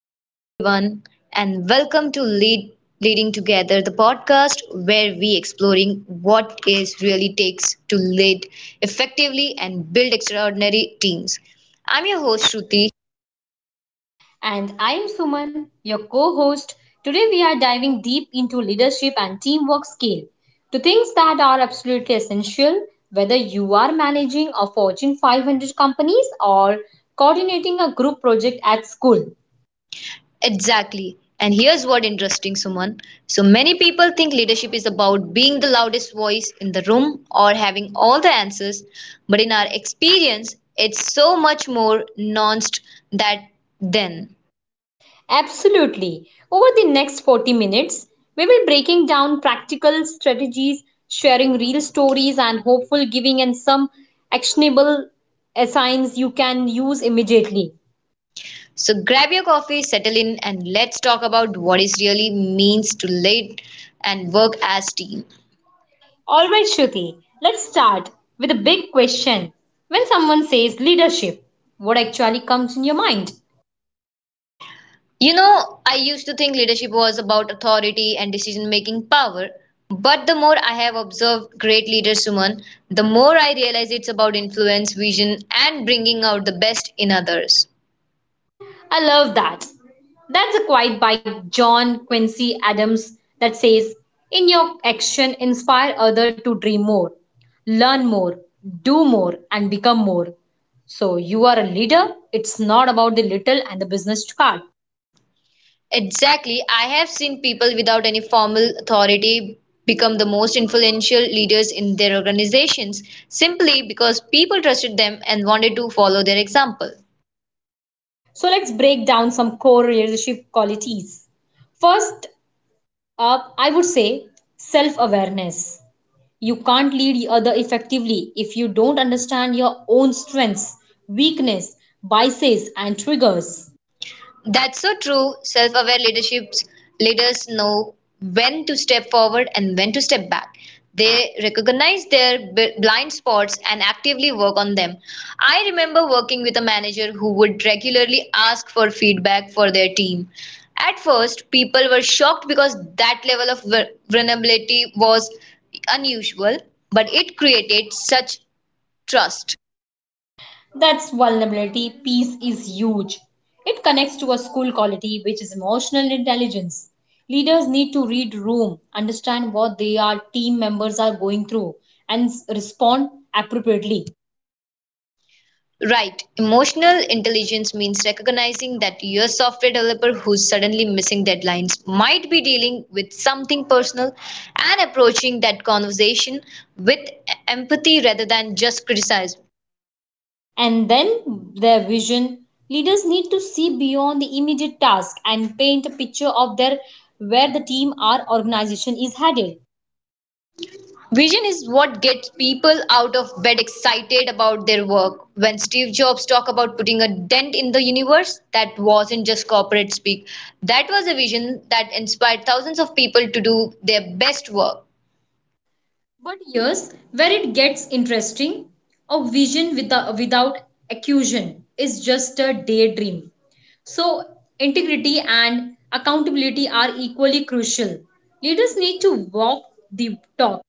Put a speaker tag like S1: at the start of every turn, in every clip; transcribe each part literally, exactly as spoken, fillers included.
S1: Hello, everyone, and welcome to Lead Leading Together, the podcast where we exploring what is really takes to lead effectively and build extraordinary teams. I'm your host Shruti.
S2: And I am Suman, your co host. Today we are diving deep into leadership and teamwork skill to things that are absolutely essential whether you are managing a Fortune five hundred companies or coordinating a group project at school.
S1: Exactly. And here's what interesting, Suman. So many people think leadership is about being the loudest voice in the room or having all the answers, but in our experience, it's so much more nuanced that then.
S2: Absolutely. Over the next forty minutes, we will breaking down practical strategies, sharing real stories and hopeful giving and some actionable assigns you can use immediately.
S1: So grab your coffee, settle in, and let's talk about what it really means to lead and work as team.
S2: Alright, Shruti, let's start with a big question. When someone says leadership, what actually comes in your mind?
S1: You know, I used to think leadership was about authority and decision-making power, but the more I have observed great leaders, Suman, the more I realize it's about influence, vision, and bringing out the best in others.
S2: I love that. That's a quote by John Quincy Adams that says, in your action, inspire others to dream more, learn more, do more, and become more. So, you are a leader. It's not about the little and the business card.
S1: Exactly. I have seen people without any formal authority become the most influential leaders in their organizations simply because people trusted them and wanted to follow their example.
S2: So, let's break down some core leadership qualities. First, Uh, I would say self awareness. You can't lead other effectively if you don't understand your own strengths, weakness, biases, and triggers.
S1: That's so true. Self aware leaderships leaders know when to step forward and when to step back. They recognize their b- blind spots and actively work on them. I remember working with a manager who would regularly ask for feedback for their team. At first, people were shocked because that level of vu- vulnerability was unusual, but it created such trust.
S2: That's vulnerability. Peace is huge. It connects to a school quality, which is emotional intelligence. Leaders need to read room, understand what their team members are going through, and s- respond appropriately.
S1: Right, emotional intelligence means recognizing that your software developer who's suddenly missing deadlines might be dealing with something personal and approaching that conversation with empathy rather than just criticism.
S2: And then their vision. Leaders need to see beyond the immediate task and paint a picture of their where the team or organization is headed.
S1: Vision is what gets people out of bed excited about their work. When Steve Jobs talked about putting a dent in the universe, that wasn't just corporate speak. That was a vision that inspired thousands of people to do their best work.
S2: But here's where it gets interesting. A vision without, without accusation is just a daydream. So, integrity and accountability are equally crucial. Leaders need to walk the talk.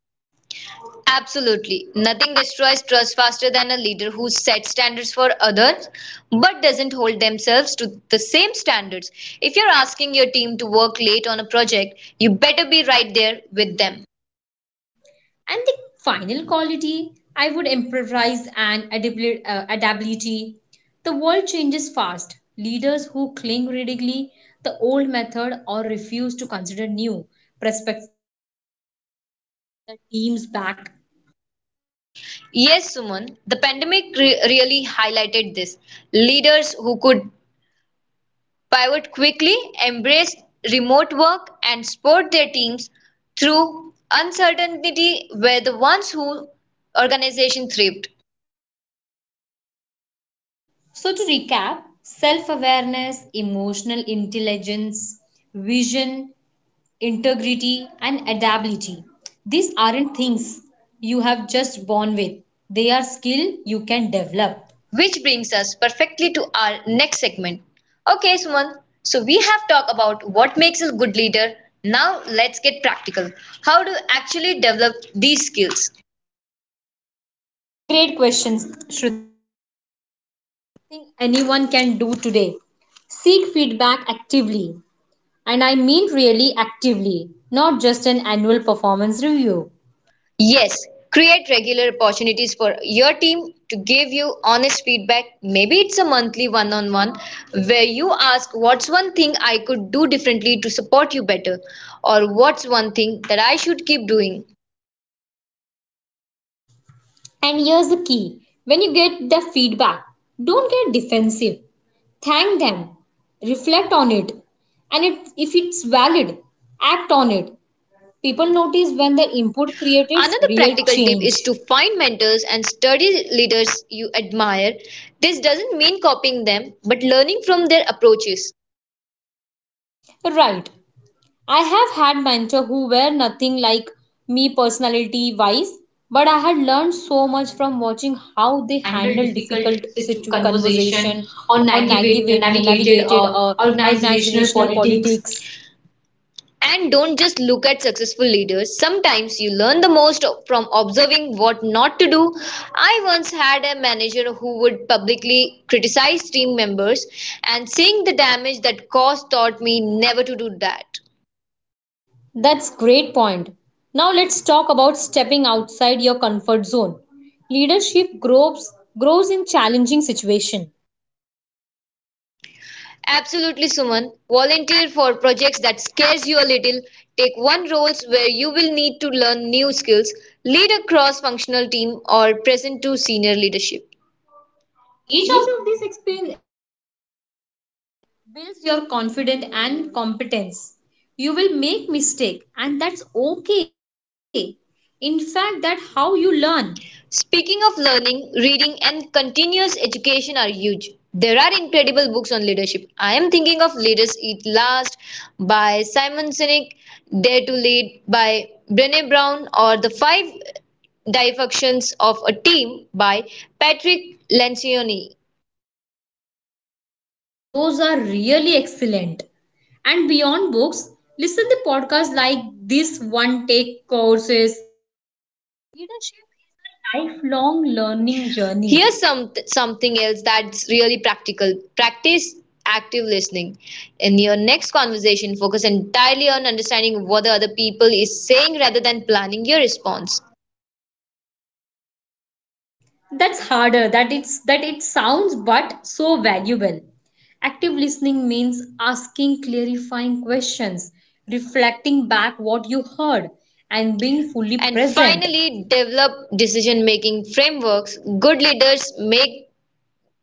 S1: Absolutely. Nothing destroys trust faster than a leader who sets standards for others but doesn't hold themselves to the same standards. If you're asking your team to work late on a project, you better be right there with them.
S2: And the final quality, I would emphasize an adabli- uh, adaptability. The world changes fast. Leaders who cling rigidly the old method or refuse to consider new prospects their teams back.
S1: Yes, Suman, the pandemic re- really highlighted this. Leaders who could pivot quickly, embrace remote work, and support their teams through uncertainty were the ones who organization thrived.
S2: So to recap, self-awareness, emotional intelligence, vision, integrity and adaptability. These aren't things you have just born with. They are skill you can develop.
S1: Which brings us perfectly to our next segment. Okay, Suman, so we have talked about what makes a good leader. Now let's get practical. How to actually develop these skills?
S2: Great questions, Shruti. Anyone can do today. Seek feedback actively. And I mean really actively, not just an annual performance review.
S1: Yes, create regular opportunities for your team to give you honest feedback. Maybe it's a monthly one on one where you ask, What's one thing I could do differently to support you better? Or what's one thing that I should keep doing?
S2: And here's the key when you get the feedback, don't get defensive. Thank them, reflect on it, and it, if it's valid, act on it. People notice when their input creates real change.
S1: Another practical tip is to find mentors and study leaders you admire. This doesn't mean copying them, but learning from their approaches.
S2: Right. I have had mentors who were nothing like me personality wise, but I had learned so much from watching how they
S1: Handle
S2: handled
S1: difficult
S2: difficult
S1: situ-
S2: situ-
S1: conversation
S2: conversation
S1: or
S2: or
S1: navigate,
S2: navigate,
S1: navigated
S2: navigated
S1: uh,
S2: uh,
S1: organizational
S2: organizational
S1: politics.
S2: politics.
S1: And don't just look at successful leaders. Sometimes you learn the most from observing what not to do. I once had a manager who would publicly criticize team members, and seeing the damage that caused taught me never to do that.
S2: That's great point. Now let's talk about stepping outside your comfort zone. Leadership grows grows in challenging situation.
S1: Absolutely, Suman. Volunteer for projects that scares you a little. Take one roles where you will need to learn new skills. Lead a cross-functional team or present to senior leadership.
S2: Each of these experience builds your confidence and competence. You will make mistake and that's okay. In fact, that's how you learn.
S1: Speaking of learning, reading, and continuous education are huge. There are incredible books on leadership. I am thinking of Leaders Eat Last by Simon Sinek, Dare to Lead by Brené Brown, or The Five Dysfunctions of a Team by Patrick Lencioni.
S2: Those are really excellent. And beyond books, listen to podcasts like this one take courses. Leadership is a lifelong learning journey.
S1: Here's some something else that's really practical. Practice active listening. In your next conversation, focus entirely on understanding what the other people is saying rather than planning your response.
S2: That's harder that it's that it sounds but so valuable. Active listening means asking clarifying questions, reflecting back what you heard and being fully
S1: And
S2: present.
S1: finally, develop decision making frameworks. Good leaders make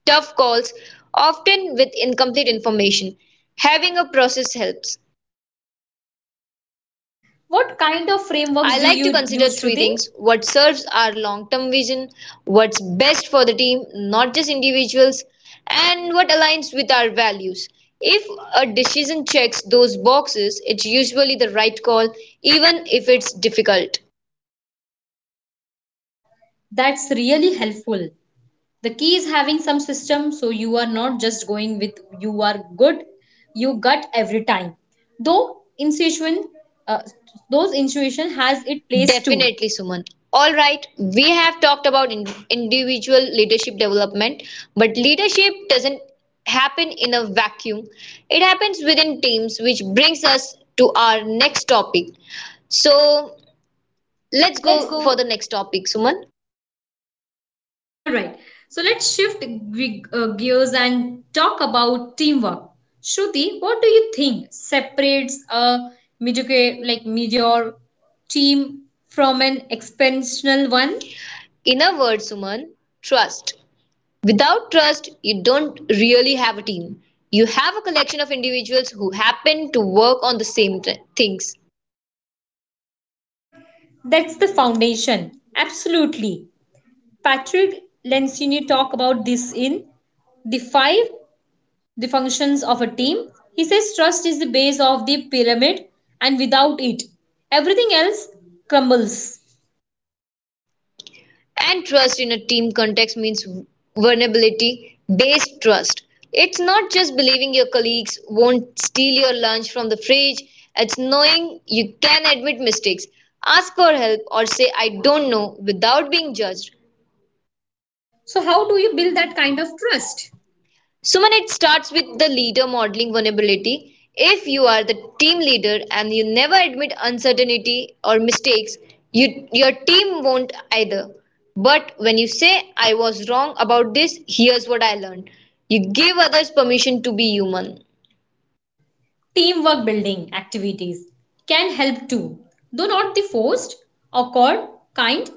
S1: tough calls, often with incomplete information. Having a process helps.
S2: What kind of frameworks
S1: I
S2: do
S1: like to
S2: you
S1: consider
S2: use,
S1: three
S2: Shruti?
S1: things what serves our long term vision, what's best for the team, not just individuals, and what aligns with our values. If a decision checks those boxes, it's usually the right call, even if it's difficult.
S2: That's really helpful. The key is having some system so you are not just going with you are good you gut every time, though intuition, uh, those intuition has its place
S1: Definitely,
S2: too.
S1: Suman. All right, we have talked about in- individual leadership development, but leadership doesn't happen in a vacuum. It happens within teams, which brings us to our next topic. So, let's
S2: Let's
S1: go for the
S2: go.
S1: next topic, Suman.
S2: All right. So let's shift gre- uh, gears and talk about teamwork. Shruti, what do you think separates a mediocre, like mediocre team from an exceptional one?
S1: In a word, Suman, trust. Without trust, you don't really have a team. You have a collection of individuals who happen to work on the same th- things.
S2: That's the foundation. Absolutely. Patrick Lencioni talk about this in the five the functions of a team. He says trust is the base of the pyramid, and without it everything else crumbles.
S1: And trust in a team context means vulnerability based trust. It's not just believing your colleagues won't steal your lunch from the fridge, it's knowing you can admit mistakes, ask for help, or say, I don't know without being judged.
S2: So, how do you build that kind of trust?
S1: Suman, it starts with the leader modeling vulnerability. If you are the team leader and you never admit uncertainty or mistakes, you, your team won't either. But when you say, I was wrong about this, here's what I learned, you give others permission to be human.
S2: Teamwork building activities can help too, though not the forced, awkward kind.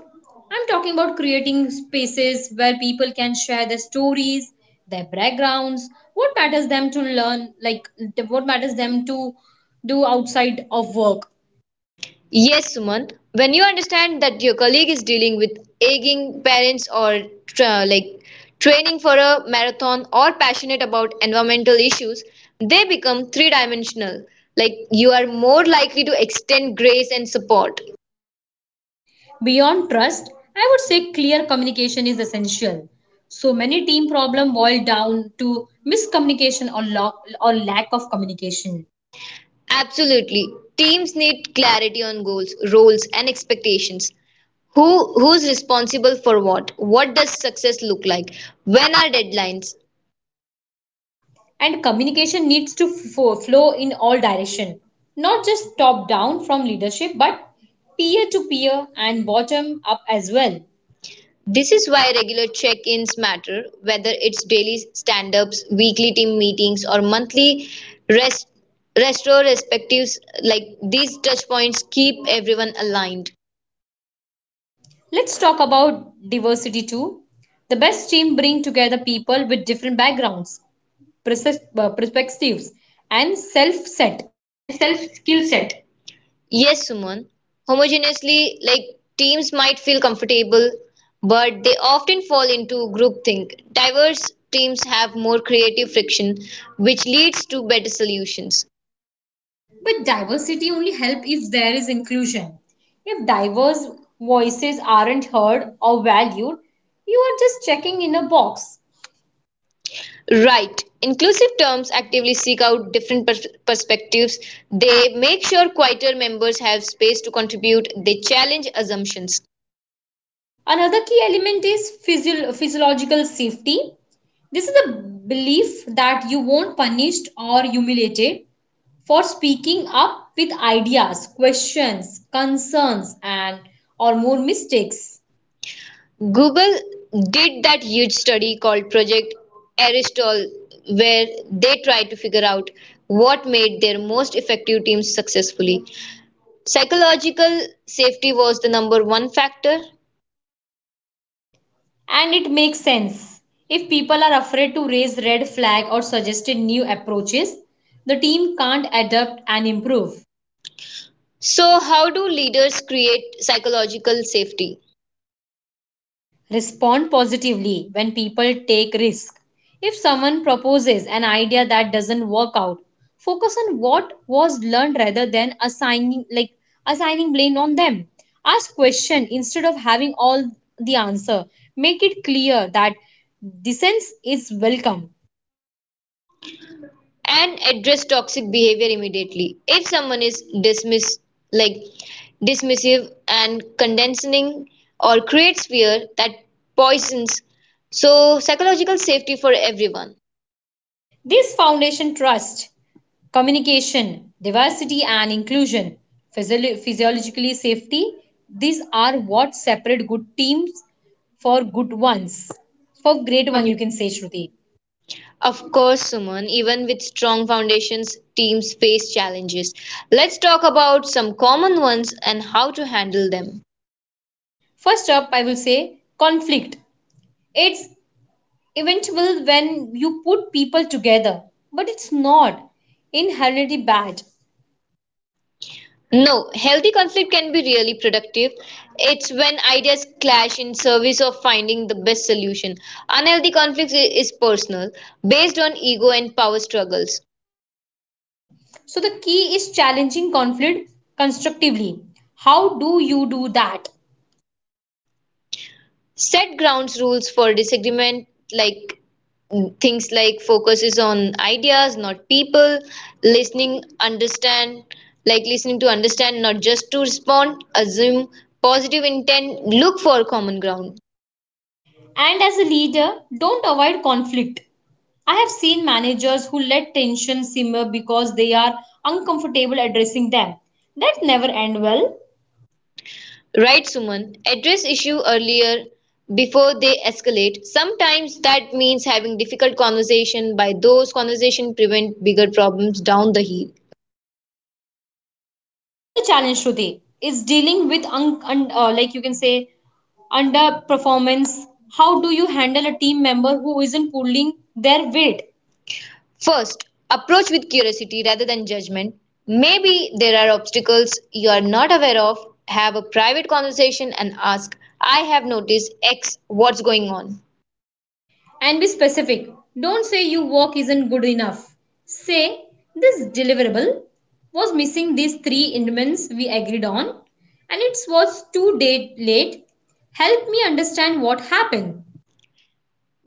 S2: I'm talking about creating spaces where people can share their stories, their backgrounds, what matters them to learn, like what matters them to do outside of work.
S1: Yes, Suman. When you understand that your colleague is dealing with aging parents or tra- like training for a marathon or passionate about environmental issues, they become three dimensional. Like you are more likely to extend grace and support.
S2: Beyond trust, I would say clear communication is essential. So many team problem boil down to miscommunication or, lo- or lack of communication.
S1: Absolutely. Teams need clarity on goals, roles, and expectations. Who who's responsible for what? What does success look like? When are deadlines?
S2: And communication needs to fo- flow in all direction, not just top down from leadership but peer to peer and bottom up as well.
S1: This is why regular check ins matter, whether it's daily stand ups, weekly team meetings, or monthly rest, retrospectives. Like these touch points keep everyone aligned.
S2: Let's talk about diversity too. The best team bring together people with different backgrounds, perses- uh, perspectives and self set.
S1: And self skill set. Yes, Suman. Homogeneously, like teams might feel comfortable, but they often fall into groupthink. Diverse teams have more creative friction, which leads to better solutions.
S2: But diversity only help if there is inclusion. If diverse voices aren't heard or valued, you are just checking in a box.
S1: Right. Inclusive terms actively seek out different pers- perspectives. They make sure quieter members have space to contribute. They challenge assumptions.
S2: Another key element is physio- physiological safety. This is the belief that you won't be punished or humiliated for speaking up with ideas, questions, concerns and or more mistakes.
S1: Google did that huge study called Project Aristotle, where they tried to figure out what made their most effective teams successfully. Psychological safety was the number one factor.
S2: And it makes sense. If people are afraid to raise red flag or suggested new approaches, the team can't adapt and improve.
S1: So, how do leaders create psychological safety?
S2: Respond positively when people take risk. If someone proposes an idea that doesn't work out, focus on what was learned rather than assigning like assigning blame on them. Ask question instead of having all the answer. Make it clear that dissent is welcome.
S1: And address toxic behavior immediately. If someone is dismiss like dismissive and condescending or creates fear that poisons so psychological safety for everyone.
S2: This foundation trust, communication, diversity and inclusion, physiolo- physiologically safety. These are what separate good teams for good ones.
S1: Oh,
S2: For
S1: great
S2: great one,
S1: one.
S2: you can say, Shruti.
S1: Of course, Suman, even with strong foundations, teams face challenges. Let's talk about some common ones and how to handle them.
S2: First up, I will say conflict. It's eventual when you put people together, but it's not inherently bad.
S1: No, healthy conflict can be really productive. It's when ideas clash in service of finding the best solution. Unhealthy conflict i- is personal, based on ego and power struggles.
S2: So the key is challenging conflict constructively. How do you do that?
S1: Set grounds rules for disagreement, like mm, things like focus is on ideas, not people, listening, understand, like listening to understand, not just to respond, assume positive intent, look for common ground.
S2: And as a leader, don't avoid conflict. I have seen managers who let tension simmer because they are uncomfortable addressing them. That never end well.
S1: Right, Suman. Address issue earlier before they escalate. Sometimes that means having difficult conversation by those conversation prevent bigger problems down the hill.
S2: Another challenge today is dealing with un- un- uh, like you can say underperformance. How do you handle a team member who isn't pulling their weight?
S1: First, approach with curiosity rather than judgment. Maybe there are obstacles you are not aware of. Have a private conversation and ask, I have noticed X, what's going on?
S2: And be specific. Don't say your work isn't good enough. Say, this deliverable was missing these three elements we agreed on, and it was too day late. Help me understand what happened.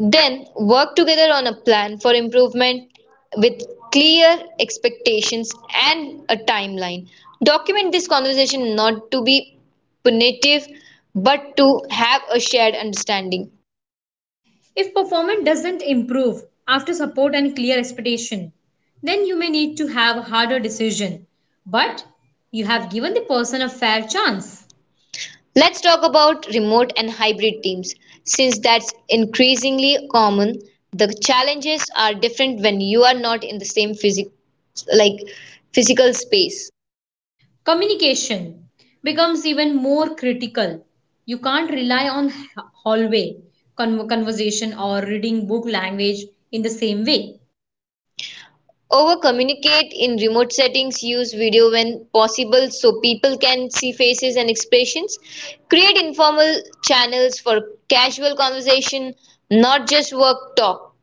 S1: Then work together on a plan for improvement with clear expectations and a timeline. Document this conversation not to be punitive but to have a shared understanding.
S2: If performance doesn't improve after support and clear expectation, then you may need to have a harder decision. But you have given the person a fair chance.
S1: Let's talk about remote and hybrid teams. Since that's increasingly common, the challenges are different when you are not in the same physic- like physical space.
S2: Communication becomes even more critical. You can't rely on h- hallway con- conversation or reading book language in the same way.
S1: Over-communicate in remote settings, use video when possible so people can see faces and expressions. Create informal channels for casual conversation, not just work talk.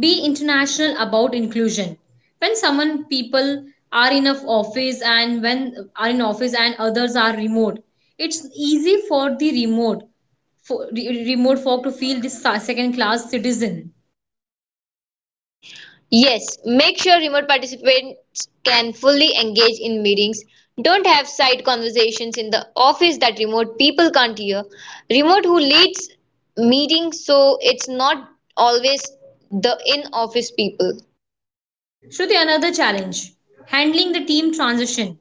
S2: Be international about inclusion. When someone people are in a f- office and when are in office and others are remote, it's easy for the remote for, re- remote folk to feel this second class citizen.
S1: Yes, make sure remote participants can fully engage in meetings. Don't have side conversations in the office that remote people can't hear. Remote who leads meetings so it's not always the in office people.
S2: Shruti, another challenge handling the team transition.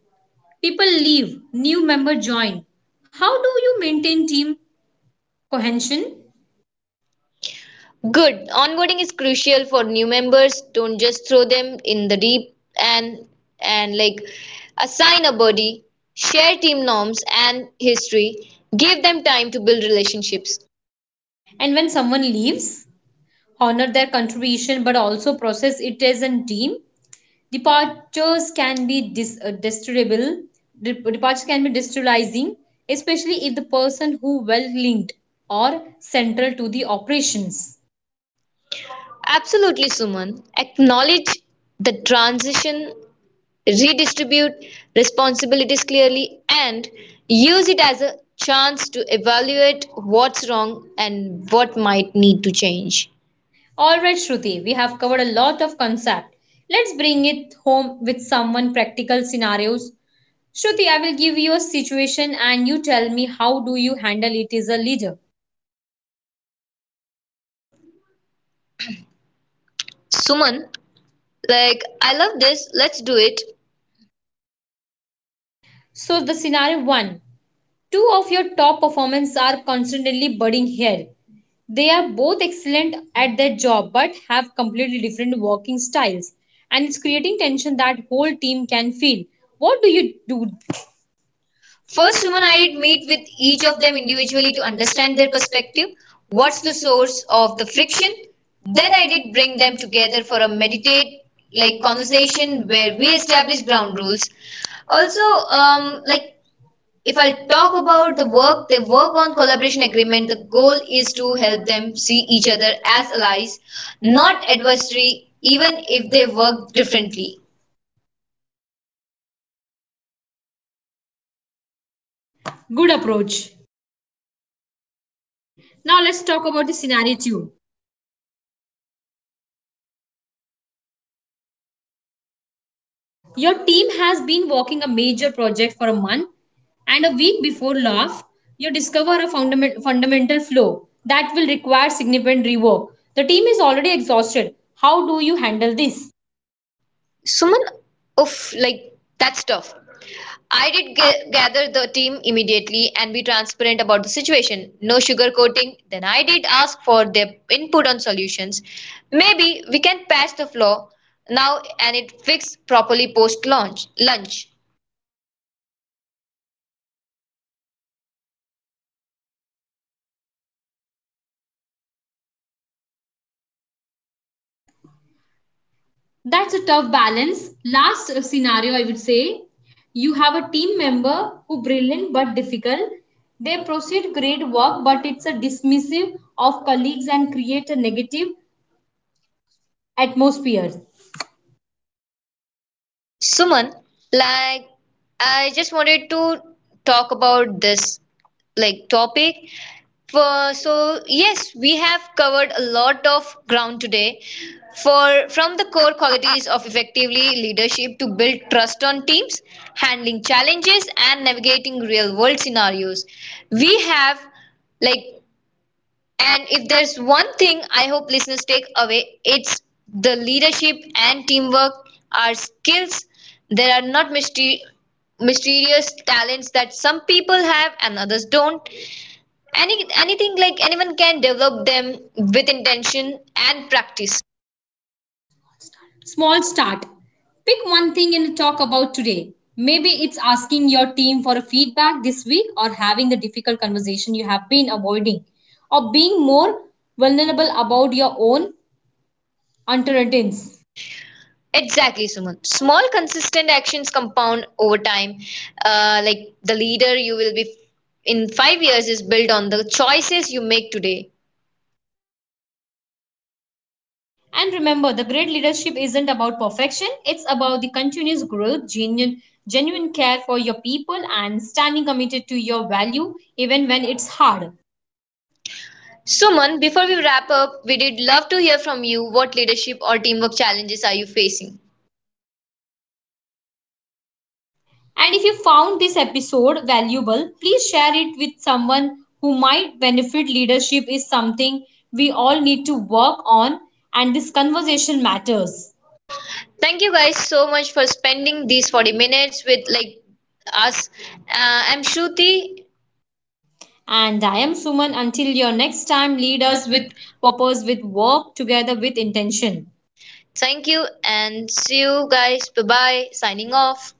S2: People leave, new member join. How do you maintain team cohesion?
S1: Good. Onboarding is crucial for new members. Don't just throw them in the deep and and like assign a buddy, share team norms and history. Give them time to build relationships.
S2: And when someone leaves, honor their contribution but also process it as a team. Departures can be dis- uh, distributable. Departures can be destabilizing, especially if the person who well linked or central to the operations.
S1: Absolutely, Suman. Acknowledge the transition, redistribute responsibilities clearly, and use it as a chance to evaluate what's wrong and what might need to change.
S2: All right, Shruti, we have covered a lot of concept. Let's bring it home with someone practical scenarios. Shruti, I will give you a situation and you tell me how do you handle it as a leader.
S1: Suman, like, I love this. Let's do it.
S2: So the scenario one. Two of your top performers are constantly budding here. They are both excellent at their job but have completely different working styles and it's creating tension that whole team can feel. What do you do? First,
S1: First
S2: Suman,
S1: woman
S2: I
S1: I
S2: did
S1: did meet
S2: meet with
S1: with
S2: each
S1: each
S2: of
S1: of
S2: them
S1: them
S2: individually
S1: individually to
S2: to understand
S1: understand their
S2: their perspective.
S1: perspective.
S2: What's
S1: What's
S2: the
S1: the source
S2: source of
S1: of
S2: the
S1: the friction?
S2: friction? Then
S1: Then
S2: I
S1: I
S2: did
S1: did
S2: bring
S1: bring them
S2: them together
S1: together for
S2: for
S1: a
S2: a meditate
S1: meditate
S2: like
S1: like
S2: conversation
S1: conversation
S2: where
S1: where we
S2: we
S1: establish
S2: establish ground
S1: ground rules.
S2: rules. Also,
S1: Also,
S2: um,
S1: um,
S2: like
S1: like
S2: if
S1: if
S2: I
S1: I
S2: talk
S1: talk
S2: about
S1: about
S2: the
S1: the
S2: work,
S1: work,
S2: they
S1: the
S2: work
S1: work
S2: on
S1: on
S2: collaboration
S1: collaboration
S2: agreement.
S1: agreement,
S2: The
S1: the
S2: goal
S1: goal
S2: is
S1: is
S2: to
S1: to
S2: help
S1: help
S2: them
S1: them
S2: see
S1: see
S2: each
S1: each
S2: other
S1: other
S2: as
S1: as
S2: allies,
S1: allies, not
S2: not adversary,
S1: adversary, even
S2: even if
S1: if
S2: they
S1: they
S2: work
S1: work
S2: differently.
S1: differently.
S2: Good approach. Now let's talk about the scenario two. Your team has been working a major project for a month, and a week before launch, you discover a fundament, fundamental flaw that will require significant rework. The team is already exhausted. How do you handle this?
S1: Suman, oof, like that's tough. I did ga- gather the team immediately and be transparent about the situation. No sugarcoating. Then I did ask for their input on solutions. Maybe we can patch the flaw now and it fix properly post launch lunch.
S2: That's a tough balance. Last uh, scenario, I would say you have a team member who brilliant but difficult. They proceed great work, but it's a dismissive of colleagues and create a negative atmosphere.
S1: Suman, like I just wanted to talk about this like topic. For, so yes, we have covered a lot of ground today. For from the core qualities of effectively leadership to build trust on teams, handling challenges and navigating real world scenarios. We have like and if there's one thing I hope listeners take away, it's the leadership and teamwork are skills. There are not mystery mysterious talents that some people have and others don't. Any, anything like anyone can develop them with intention and practice.
S2: Small start. Pick one thing and talk about today. Maybe it's asking your team for a feedback this week or having the difficult conversation you have been avoiding or being more vulnerable about your own uncertainties.
S1: Exactly, Suman. Small, consistent actions compound over time. Uh, like the leader you will be in five years is built on the choices you make today.
S2: And remember, the great leadership isn't about perfection, it's about the continuous growth, genuine, genuine care for your people, and standing committed to your value even when it's hard.
S1: Suman, before we wrap up, we did love to hear from you. What leadership or teamwork challenges are you facing? And
S2: And if you found this episode valuable, please share it with someone who might benefit. Leadership is something we all need to work on, and this conversation matters.
S1: thank you guys so much for spending these forty minutes with like us. Uh, I'm Shruti.
S2: And I am Suman. Until your next time,
S1: Lead
S2: lead us
S1: us
S2: with
S1: with
S2: purpose, with work together with intention.
S1: Thank you and see you guys. Bye bye.
S2: Signing
S1: Signing
S2: off.
S1: off.